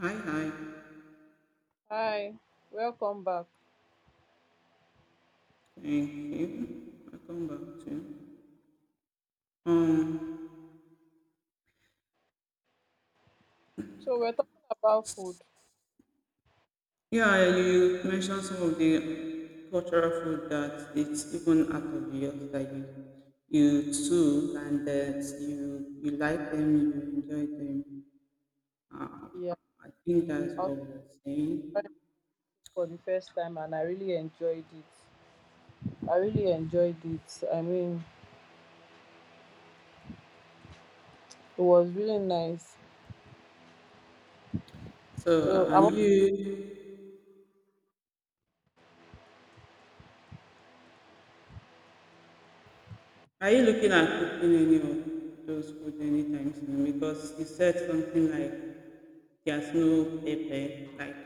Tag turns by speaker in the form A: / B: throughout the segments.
A: Hi, hi.
B: Hi, welcome back.
A: Thank you. Welcome back to. Um,
B: So we're talking about food.
A: yeah, you mentioned some of the cultural food that it's even out of the earth that you too and that you like them, you enjoy them. Um,
B: Yeah,
A: I think that's
B: I was
A: what we're saying.
B: trying for the first time and I really enjoyed it. I really enjoyed it. I mean, it was really nice.
A: So,
B: So I'm not
A: Are you looking at cooking any of those food anytime soon? Because you said something like there's no pepper. Like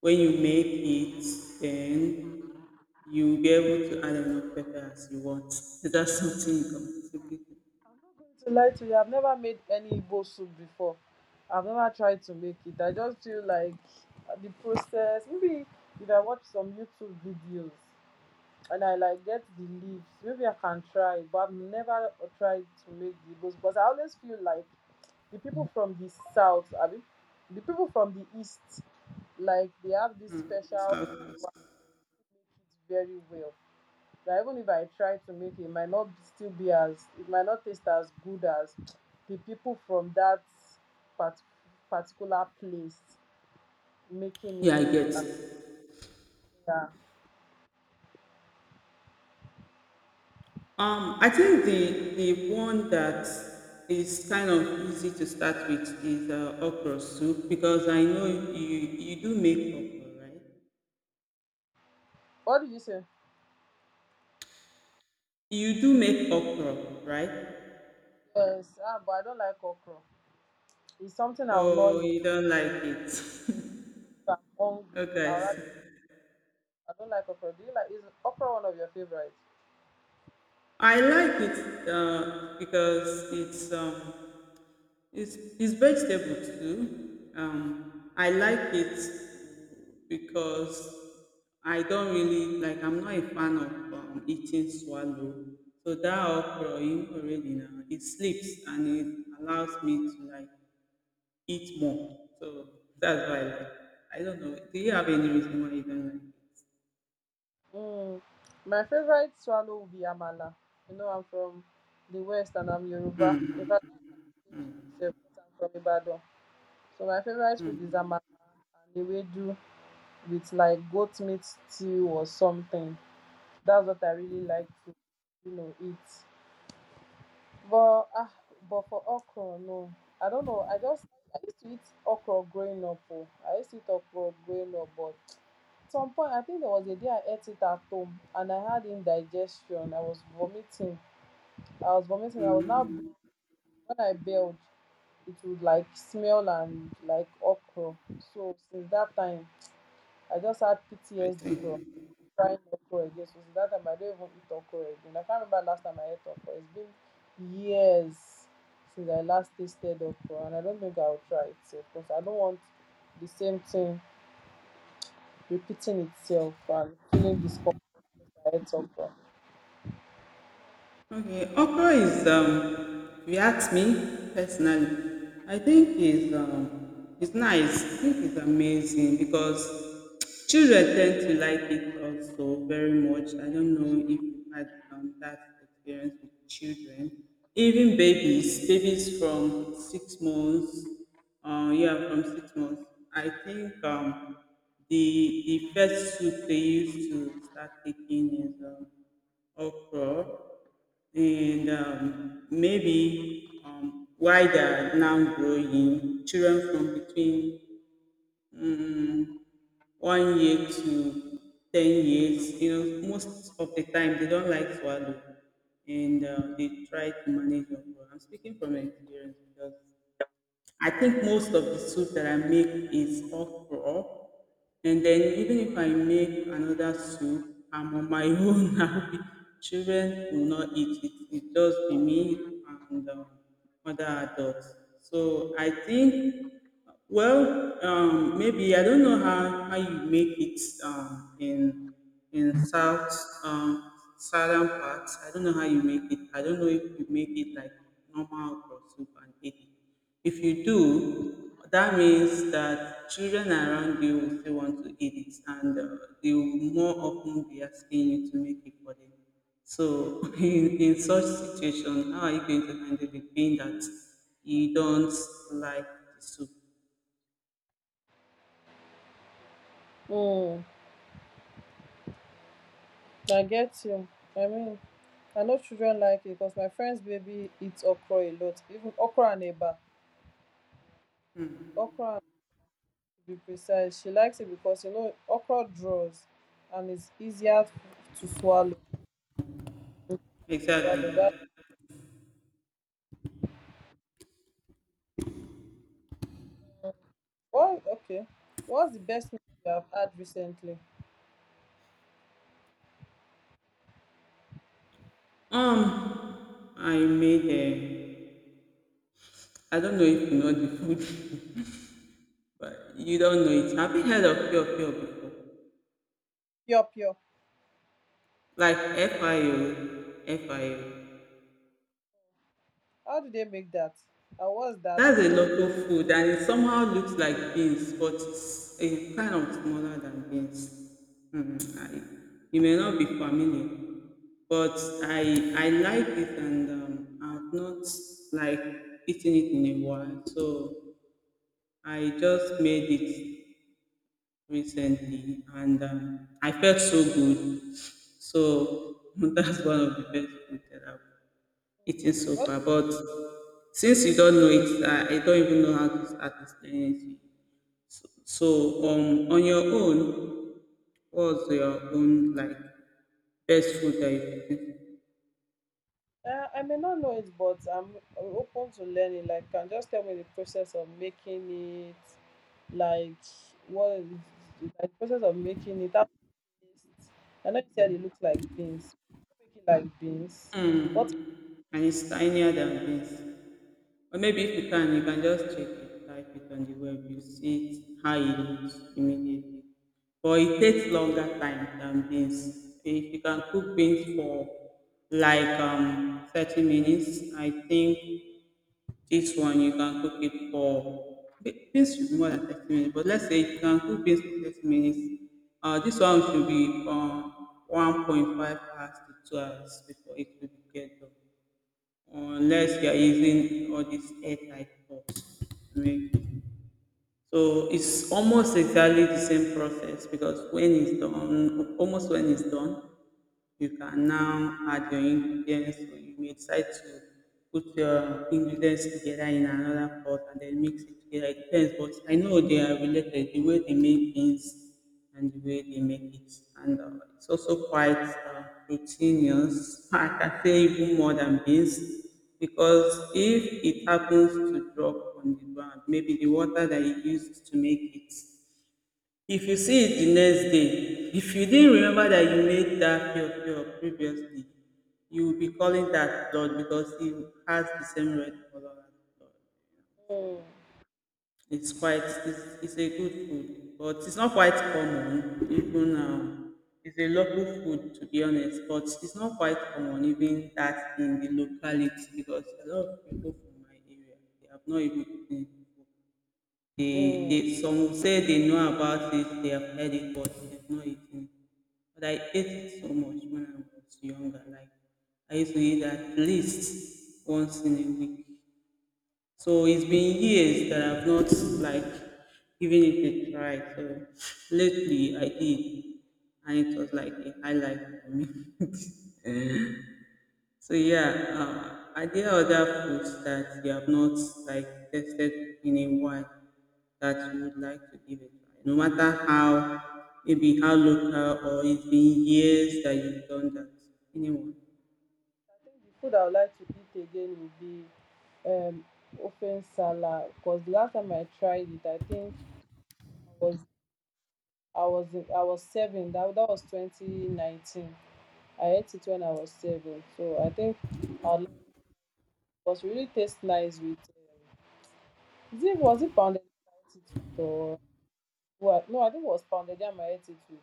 A: when you make it, then you'll be able to add enough pepper as you want. Is that something you can possibly do?
B: going to lie to you, I've never made any Igbo soup before. I've never tried to make it. I just feel like the process, maybe if I watch some YouTube videos and I like get the leaves, maybe I can try, but I've never tried to make the Igbo soup because I always feel like the people from the south, I mean, the people from the east, like they have this
A: So
B: special flavor
A: I'll-
B: to make it very well. That even if I try to make it, it might not still be as it might not taste as good as the people from that part, particular place making it.
A: Yeah, I get.
B: Yeah.
A: I think the one that is kind of easy to start with is okra soup because I know you do make okra, right?
B: What did you say?
A: You do make okra, right?
B: Yes, ah, but I don't like okra. It's something I will not
A: Oh,
B: eat.
A: you don't like it.
B: If I'm hungry, I rather
A: Okay.
B: I don't like okra. Do you like, is okra one of your favorites?
A: I like it because it's it's vegetable too. I like it because I don't really like. I'm not a fan of eating swallow. So that okra, you already know, it sleeps and it allows me to like eat more. So that's why I like. I don't know. Do you have any reason why you don't like?
B: Mm. My favorite swallow will be Amala. You know, I'm from the West and I'm Yoruba. In fact, I'm from I'm from Ibadan. So my favorite food is Amala and the way do with like goat meat stew or something. That's what I really like to, you know, eat. But ah, but for okra, no, I don't know. I just I used to eat okra growing up. Oh. I used to eat okra growing up, but at some point, I think there was a day I ate it at home and I had indigestion. I was vomiting. I was vomiting. I was now when I bailed, it would like smell and like okra. So since that time, I just had
A: I
B: PTSD from
A: think.
B: trying okra again. So since that time, I don't even eat okra again. I can't remember last time I ate okra. It's been years since I last tasted okra, and I don't think I'll try it because I don't want the same thing repeating itself and feeling discomfort by ate okra.
A: Okay, okra is, if you ask me personally, I think is it's nice. I think it's amazing because children tend to like it also very much. I don't know if you had that experience with children, even babies, babies from 6 months, yeah, from 6 months. I think the first soup they used to start taking is of God and maybe why they are now growing children from between um, one year to 10 years. You know, most of the time they don't like swallow, and they try to manage. On. I'm speaking from experience because I think most of the soup that I make is okra. And then even if I make another soup, I'm on my own now. Children will not eat it. It just be me and other adults. So I think well, maybe I don't know how you make it in south um, southern parts. I don't know how you make it. I don't know if you make it like normal or soup and eat it. If you do, that means that children around you will still want to eat it, and they will more often be asking you to make it for them. So in such situation, how are you going to handle it being that you don't like the soup?
B: um I get you. I mean, I know children like it cause my friends baby eats okra a lot, even okra and eba, okra to be precise. She likes it because, you know, okra draws and it's easier to swallow, that
A: Exactly.
B: why. Okay, what's the best meal you have had recently?
A: I made a. I don't know if you know the food, but you don't know it. Have you heard of Pure Pure before?
B: Pure pure?
A: Like FIO, FIO.
B: How do they make that and what's that
A: That's a
B: who's.
A: local food, and it somehow looks like beans, but it's a kind of smaller than beans. Hmm, I, you may not be familiar, but I like it, and I've not like eaten it in a while, so I just made it recently and I felt so good. So that's one of the best food that I've eaten so far. But since you don't know it, I don't even know how to start explaining it. So, on your own, what's your own like best food that you've eaten?
B: I may not know it, but I'm open to learning. Like, can just tell me the process of making it, like what is like the process of making it. How is it tastes. I know you said it looks like beans. Make it like beans. What?
A: Hmm, and it's tinier than this. Or maybe if you can, you can just check it, type it on the web, you see it, how it looks immediately. But it takes longer time than beans. If you can cook beans for like 30 minutes, I think this one you can cook it for beans should be more than 30 minutes, but let's say you can cook beans for 30 minutes. This one should be 1.5 hours to 2 hours before it will get done. Unless you are using all these airtight cups. I so it's almost exactly the same process because when it's done, almost when it's done, you can now add your ingredients or you may decide to put your ingredients together in another pot and then mix it together. It depends, but I know they are related the way they make things and the way they make it. And it's also quite proteinous, I can say even more than beans, because if it happens to drop on the ground, maybe the water that you used to make it, if you see it the next day, if you didn't remember that you made that pure pure previously, you will be calling that blood because it has the same red color as blood. So
B: Mm,
A: it's quite it's a good food, but it's not quite common even now. It's a local food to be honest, but it's not quite common even that in the locality because a lot of people from my area they have not even eaten. It. They,
B: mm. I
A: they some will say they know about it, they have heard it, but they have not eaten. It. But I ate it so much when I was younger. Like I used to eat at least once in a week. So it's been years that I've not like given it a try. So lately I did, and it was like a highlight for me. So yeah, are there other foods that you have not like tested in a while that you would like to give a try? No matter how, maybe how local or it's been years that you've done that. Anyone?
B: think the food I would like to eat again would be um open salad. Cause the last time I tried it, I think I was I was I was seven. That that was 2019. I ate it when I was seven, so I think our last was really taste nice with. Is it was it pounded yam I ate it with or what? No, I think it was pounded yam I ate it with.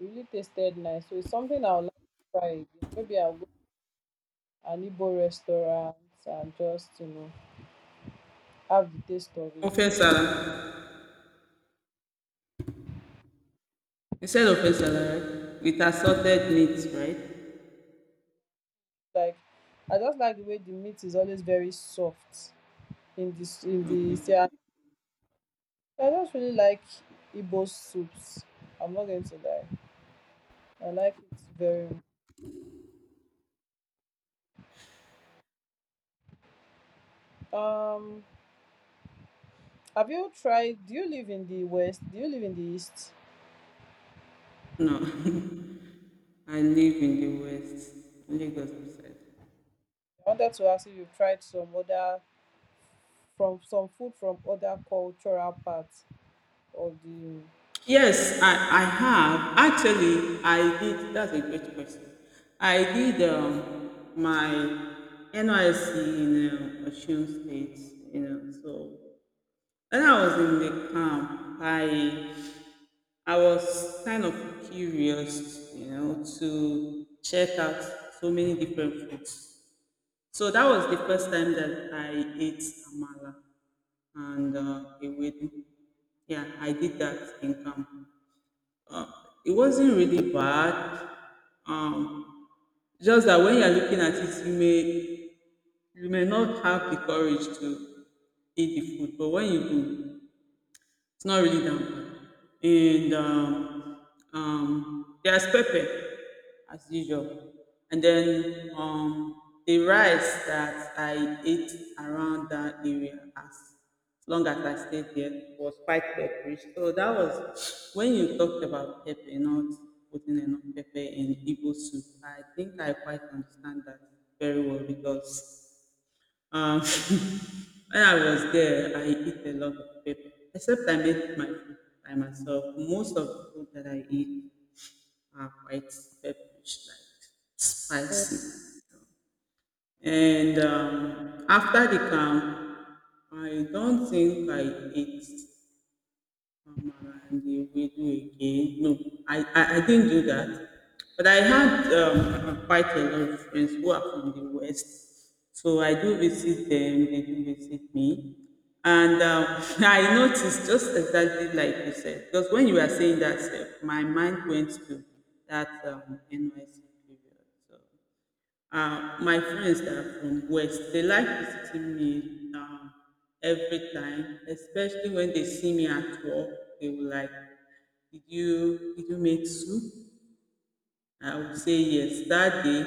B: It really tasted nice, so it's something I would like to try again. Maybe I'll go to an Igbo restaurant and just, you know, have the taste of it.
A: Offense salad. You said offense salad, right? With assorted meats, right?
B: Like, I just like the way the meat is always very soft in this in the,
A: Okay.
B: yeah. I just really like Igbo soups. I'm not going to lie. I like it very much. Um, have you tried? Do you live in the west? Do you live in the east?
A: No. I live in the West, Lagos side.
B: I wanted to ask if you've tried some other from some food from other cultural parts of the.
A: Yes, I have. Actually, I did. That's a great question. I did my NYC in Osun State, you know. So when I was in the camp, I was kind of curious, you know, to check out so many different foods. So that was the first time that I ate amala and ewedu. Yeah, I did that in camp. Uh, it wasn't really bad. Um, just that when you're looking at it, you may not have the courage to eat the food, but when you do, it's not really that bad. And there's pepper as usual. And then the rice that I ate around that area as long as I stayed there was quite peppery. So that was when you talked about pepper, not putting enough pepper in Igbo soup. I think I quite understand that very well because um, when I was there, I eat a lot of pepper, except I make my food by myself. Most of the food that I eat are quite pepperish, like
B: Mm.
A: spicy. And after the camp, I don't think I ate Amala and the Ewedu again. No, I didn't do that. But I had quite a lot of friends who are from the West. So I do visit them, they do visit me. And I noticed just exactly like you said, because when you were saying that, Steph, my mind went to that NYC period. So my friends that are from west dey like visiting me um every time, especially when they see me at work they will like, did you make soup? I will say yes that day,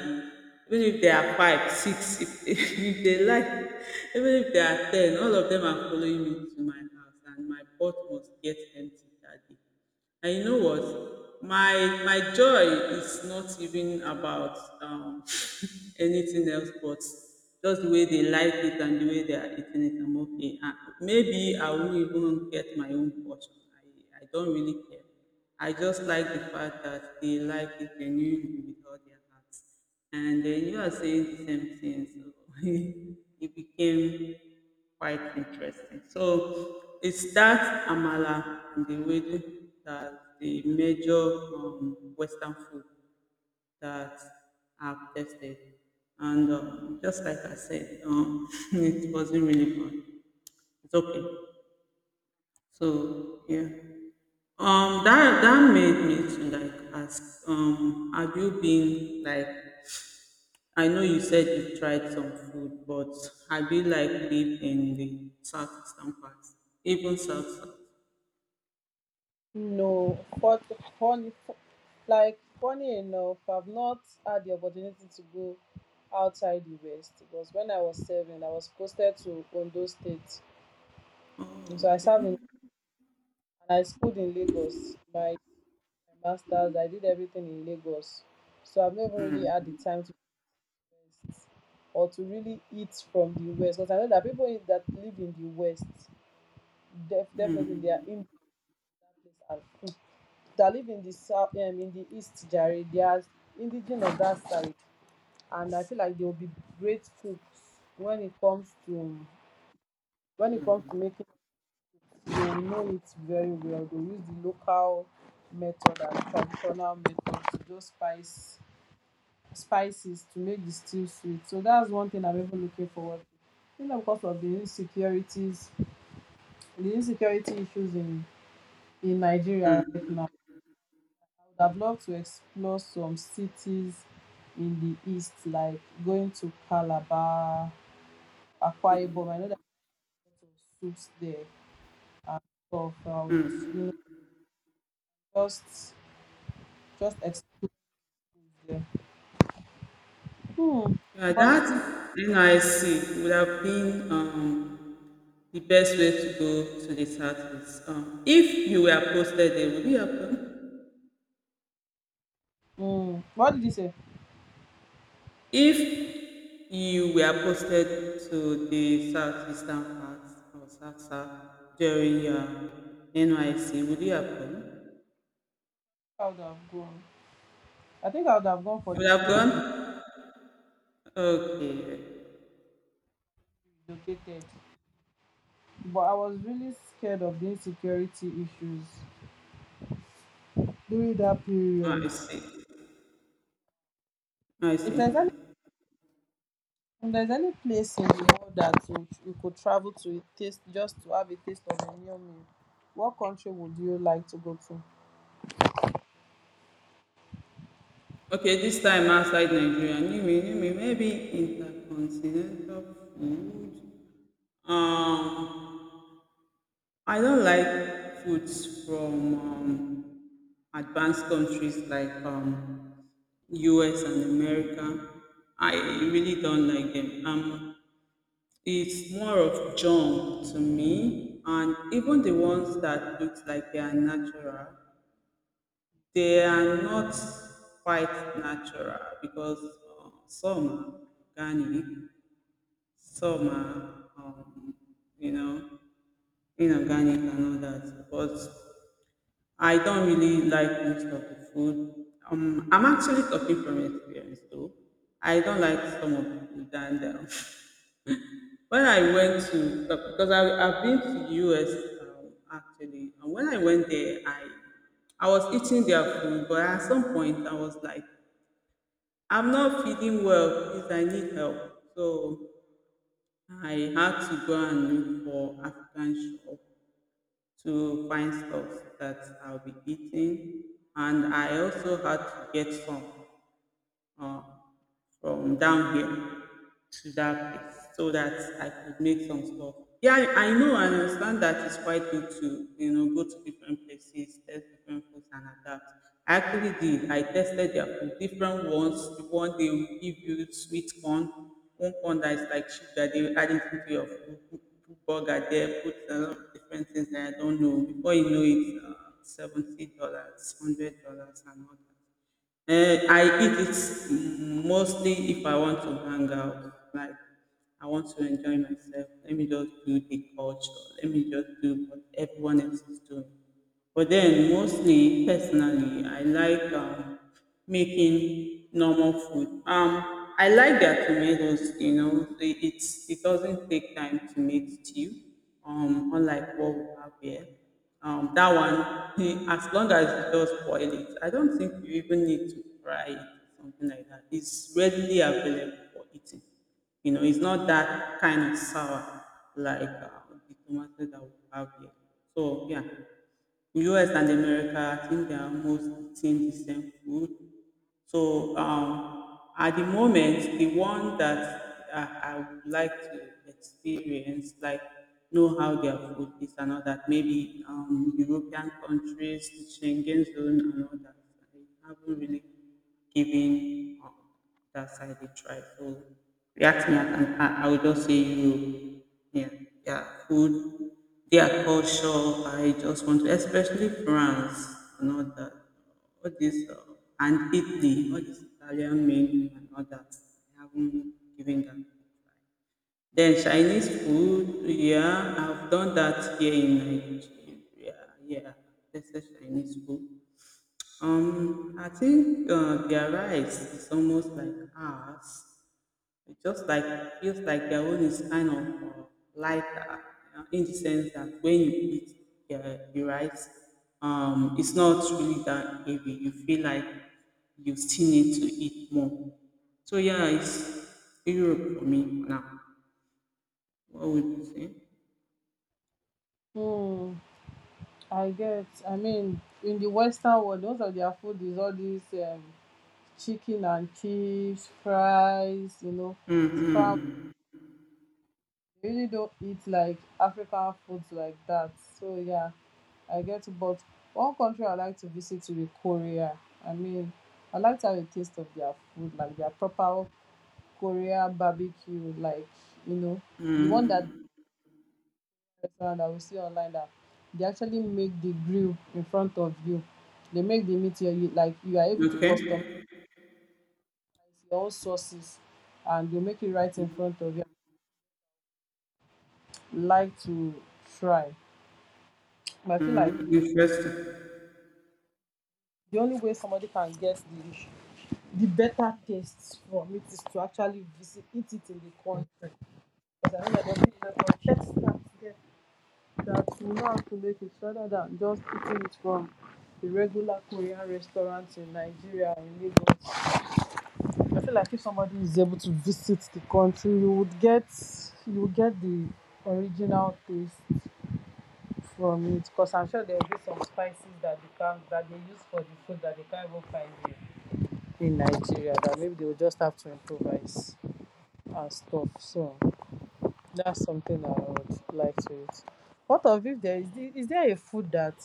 A: even if there are 5, 6 if, if they like, even if there are ten, all of them are following me to my house and my pot must get empty that day. And you know what? My joy is not even about anything else, but just the way they like it and the way they are eating it. I'm okay. And maybe I won't even get my own portion. I don't really care. I just like the fact that they like it genuinely with all their heart. And then you are saying the same thing. So it became quite interesting. So it's that amala and the way that the major Western food that I've tested. And just like I said, it wasn't really fun. It's okay. So yeah. That made me to like ask, have you been like I know you said you tried some food, but have you like lived in the South Eastern part? Even South South.
B: No, but funny, like funny enough, I've not had the opportunity to go outside the west because when I was serving, I was posted to Ondo State, and
A: Oh,
B: so I served
A: okay.
B: in and I schooled in Lagos. My masters, I did everything in Lagos, so I've never really had the
A: Mm.
B: time to, or to really eat from the West, because I know that people in- that live in the West, def- definitely they are
A: mm,
B: in that place and, mm, that live in the south, in the East, Jerry, they are indigenous of that side, and I feel like they will be great cooks when it comes to when it comes to making. They will know it very well. They will use the local method and traditional method to just spice spices to make the stew sweet. So that's one thing I'm even looking forward to. You know, because of the insecurities, the insecurity issues in Nigeria
A: mm.
B: right now, I would have loved to explore some cities in the east, like going to Calabar, Akwa Ibom. I know there are lots of soups there and stuff. You know, just just explore there. Hmm.
A: Yeah,
B: But it,
A: that NIC would have been the best way to go to the Southeast. If you were posted there, would you have gone?
B: hmm, what did you say?
A: If you were posted to the southeastern part of SASA during your NYC, would you have gone?
B: I would have gone. I think I would have gone for
A: You
B: the
A: would have
B: three we
A: gone? Okay.
B: relocated, but I was really scared of the insecurity issues during that
A: Ah,
B: period.
A: I see. Ah, I
B: If
A: see.
B: there's any if there's any place in the world that you could travel to taste just to have a taste of a new meal, what country would you like to go to?
A: Okay, this time outside Nigeria, you mean, maybe intercontinental food? Um, I don't like foods from advanced countries like US and America. I really don't like them. It's more of junk to me, and even the ones that look like they are natural, they are not quite natural because some are organic, some are, you know, inorganic and all that. But I don't really like most of the food. I'm actually talking from experience though. I don't like some of the food. And when I went to, because I've been to the US actually, and when I went there, I was eating their food, but at some point I was like, I'm not feeling well, please, I need help. So I had to go and look for African shop to find stuff that I'll be eating. And I also had to get some uh, from down here to that place so that I could make some stuff. Yeah, I know I understand that it's quite good to, you know, go to different places, test different foods and adapt. I actually did. I tested their food, different ones. The one they will give you sweet corn, one corn that is like sugar, they will add it into your food, put burger there, put a lot of different things that I don't know. Before you know it, $70, $100 and all that. Eh, I eat it mostly if I want to hang out. Like I want to enjoy myself. Let me just do the culture. Let me just do what everyone else is doing. But then mostly personally, I like making normal food. I like their tomatoes. You know, it doesn't take time to make stew. Unlike what we have here that one, as long as you just boil it, I don't think you even need to fry it or something like that. It's readily available for eating. You know, it's not that kind of sour like the tomato that we have here. So yeah, US and America, I think they are almost eating the same food. So at the moment, the one that I would like to experience, like know how their food is and all that, maybe European countries, the Schengen zone and all that. I haven't really given that side a try. So react me, I will just say Europe. Yeah, their food, their culture. I just want to, especially France, and all that, all this, and Italy, all this Italian menu and all that. I haven't given that a try. Then Chinese food, yeah, I've done that here in Nigeria. Yeah, that's the Chinese food. I think their rice is almost like ours. It just like feels like their own is kind of uh, lighter in the sense that when you eat the rice, it's not really that heavy. You feel like you still need to eat more. So yeah, it's Europe for me now. What would you say?
B: Hmm, I get. I mean, in the Western world, most of their food is all these chicken and chips, fries, you know, scramble.
A: Mm-hmm.
B: We really don't eat like African foods like that. So yeah, I get it. But one country I like to visit will be Korea. I mean, I like to have a taste of their food, like their proper Korea barbecue, like, you know, the one that
A: Mm-hmm.
B: restaurant that we see online that they actually make the grill in front of you. They make the meat here, you like you are able to customize
A: Okay.
B: your own sauces and they make it right in front of you. Like to try. But I feel like
A: Mm-hmm. Interesting.
B: the only way somebody can get the better taste from it is to actually visit eat it in the country. Because I know that there's people that will know how to make it, so rather than just eating it from the regular Korean restaurants in Nigeria and Lagos. I feel like if somebody is able to visit the country, you would get the original taste from it. Because I'm sure there will be some spices that they use for the food that they can't even find here in Nigeria, that maybe they will just have to improvise and stuff. So that's something I would like to eat. What of if there is the- is there a food that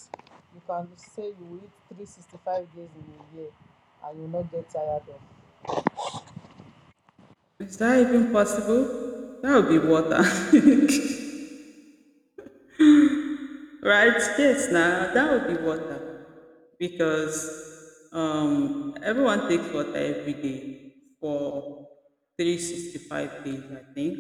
B: you can say you will eat 365 days in a year and you will not get tired of?
A: Is that even possible? That would be water. Right? Yes, now that would be water because everyone takes water every day for 365 days, I think.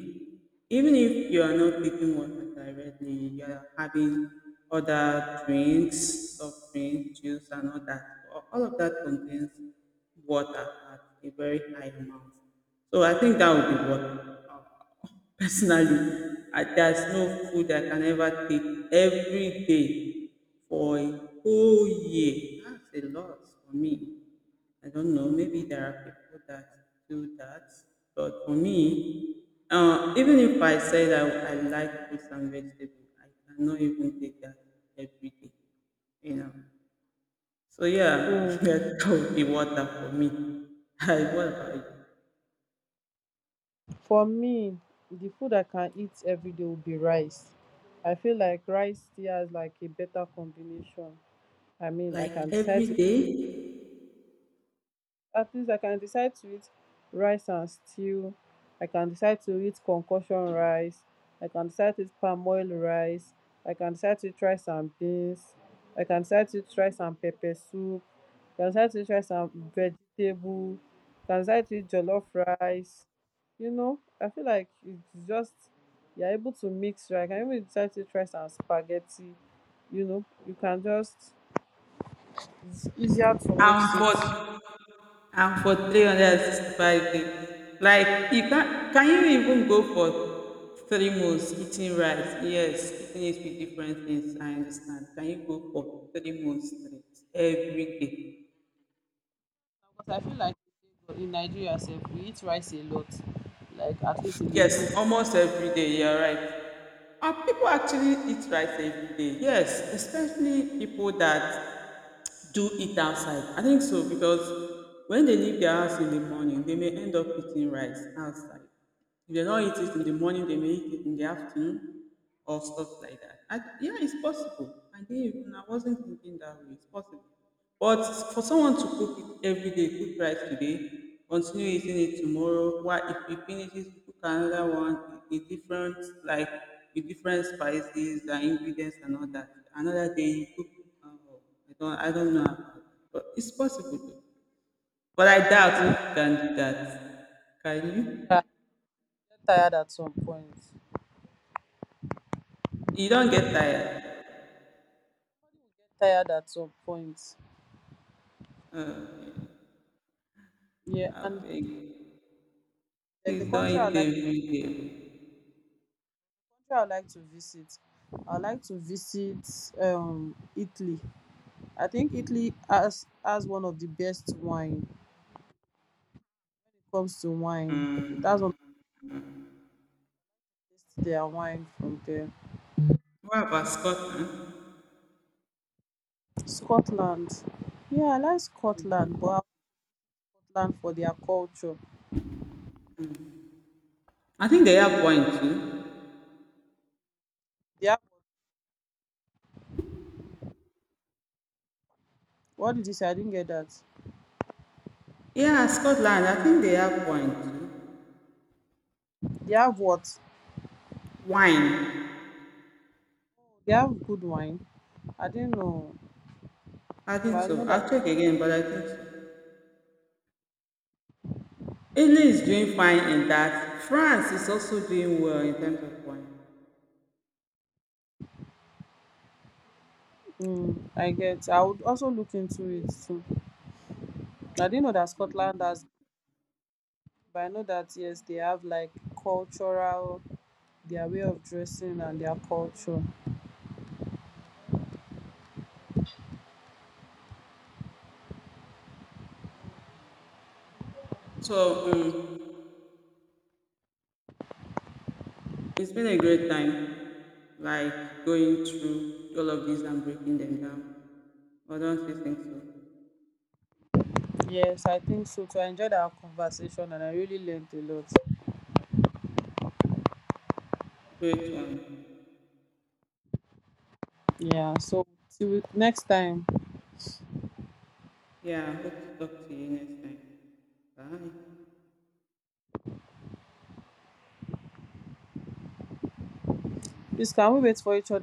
A: Even if you are not taking water directly, you are having other drinks, soft drinks, juice, and all that. All of that contains water at a very high amount. So I think that would be water. Personally, there's no food I can ever take every day for a whole year. That's a lot for me. I don't know. Maybe there are people that do that, but for me, even if I said I like fruits and vegetables, I cannot even take that every day. You know. So yeah,
B: Mm,
A: that would be water for me. I what about you?
B: for me, the food I can eat every day will be rice. I feel like rice still has like a better combination. I mean, I can
A: Like
B: decide,
A: every day?
B: at least I can decide to eat rice and stew. I can decide to eat concoction rice. I can decide to eat palm oil rice. I can decide to eat rice and beans. I can decide to eat rice and pepper soup. I can decide to eat rice and vegetable. I can decide to eat jollof rice. You know, I feel like it's just you're able to mix right. I can even decide to eat rice and spaghetti. You know, you can just, it's easier to
A: I'm
B: mix it.
A: for I'm for 365 days. Like you can you even go for three months eating rice? Yes, eating it with different things, I understand. Can you go for three months straight every day?
B: But I feel like in Nigeria sef, we eat rice a lot, like at least in a week.
A: Yes, almost every day, you're right. And people actually eat rice every day. Yes, especially people that do it outside. I think so because when they leave their house in the morning, they may end up eating rice outside. If they don't eat it in the morning, they may eat it in the afternoon or stuff like that. Yeah, it's possible. I didn't even, I wasn't thinking that way. It's possible. But for someone to cook it every day, cook rice today, continue eating it tomorrow, why if you finish it, cook another one with different, like, with different spices and ingredients and all that. Another day, you cook uh, I don't know about it, but it's possible though. But I doubt
B: Yeah,
A: if you can do that. Can you?
B: I get tired at some point. Get
A: You don't get tired.
B: tired at some point. Yeah,
A: I
B: and
A: beg.
B: there's a
A: Please
B: country I
A: don't
B: like,
A: eat every day.
B: country I like to visit. I like to visit Italy. I think Italy has one of the best wine when it comes to wine. It has one
A: Mm.
B: of the best, their wine from there.
A: What about Scotland?
B: Scotland. Yeah, I like Scotland, but I like Scotland for their culture.
A: I think they have wine too.
B: They have, what did you say? I didn't get that.
A: Yeah, Scotland, I think they have wine too.
B: They have what?
A: Wine.
B: They have good wine. I didn't know,
A: I
B: but
A: think
B: I know
A: so.
B: that.
A: I'll check again, but I think so. Italy is doing fine in that. France is also doing well in terms of wine.
B: Mm, I get. I would also look into it too. I didn't know that Scotland has, but I know that yes, they have like cultural, their way of dressing and their culture.
A: So it's been a great time, like going through all of these and breaking them down. I don't you think so?
B: Yes, I think so too. I enjoyed our conversation and I really learned a lot.
A: Great one.
B: Yeah. So till next time.
A: Yeah, I hope to talk to you next time. Bye.
B: Please, can we wait for each other?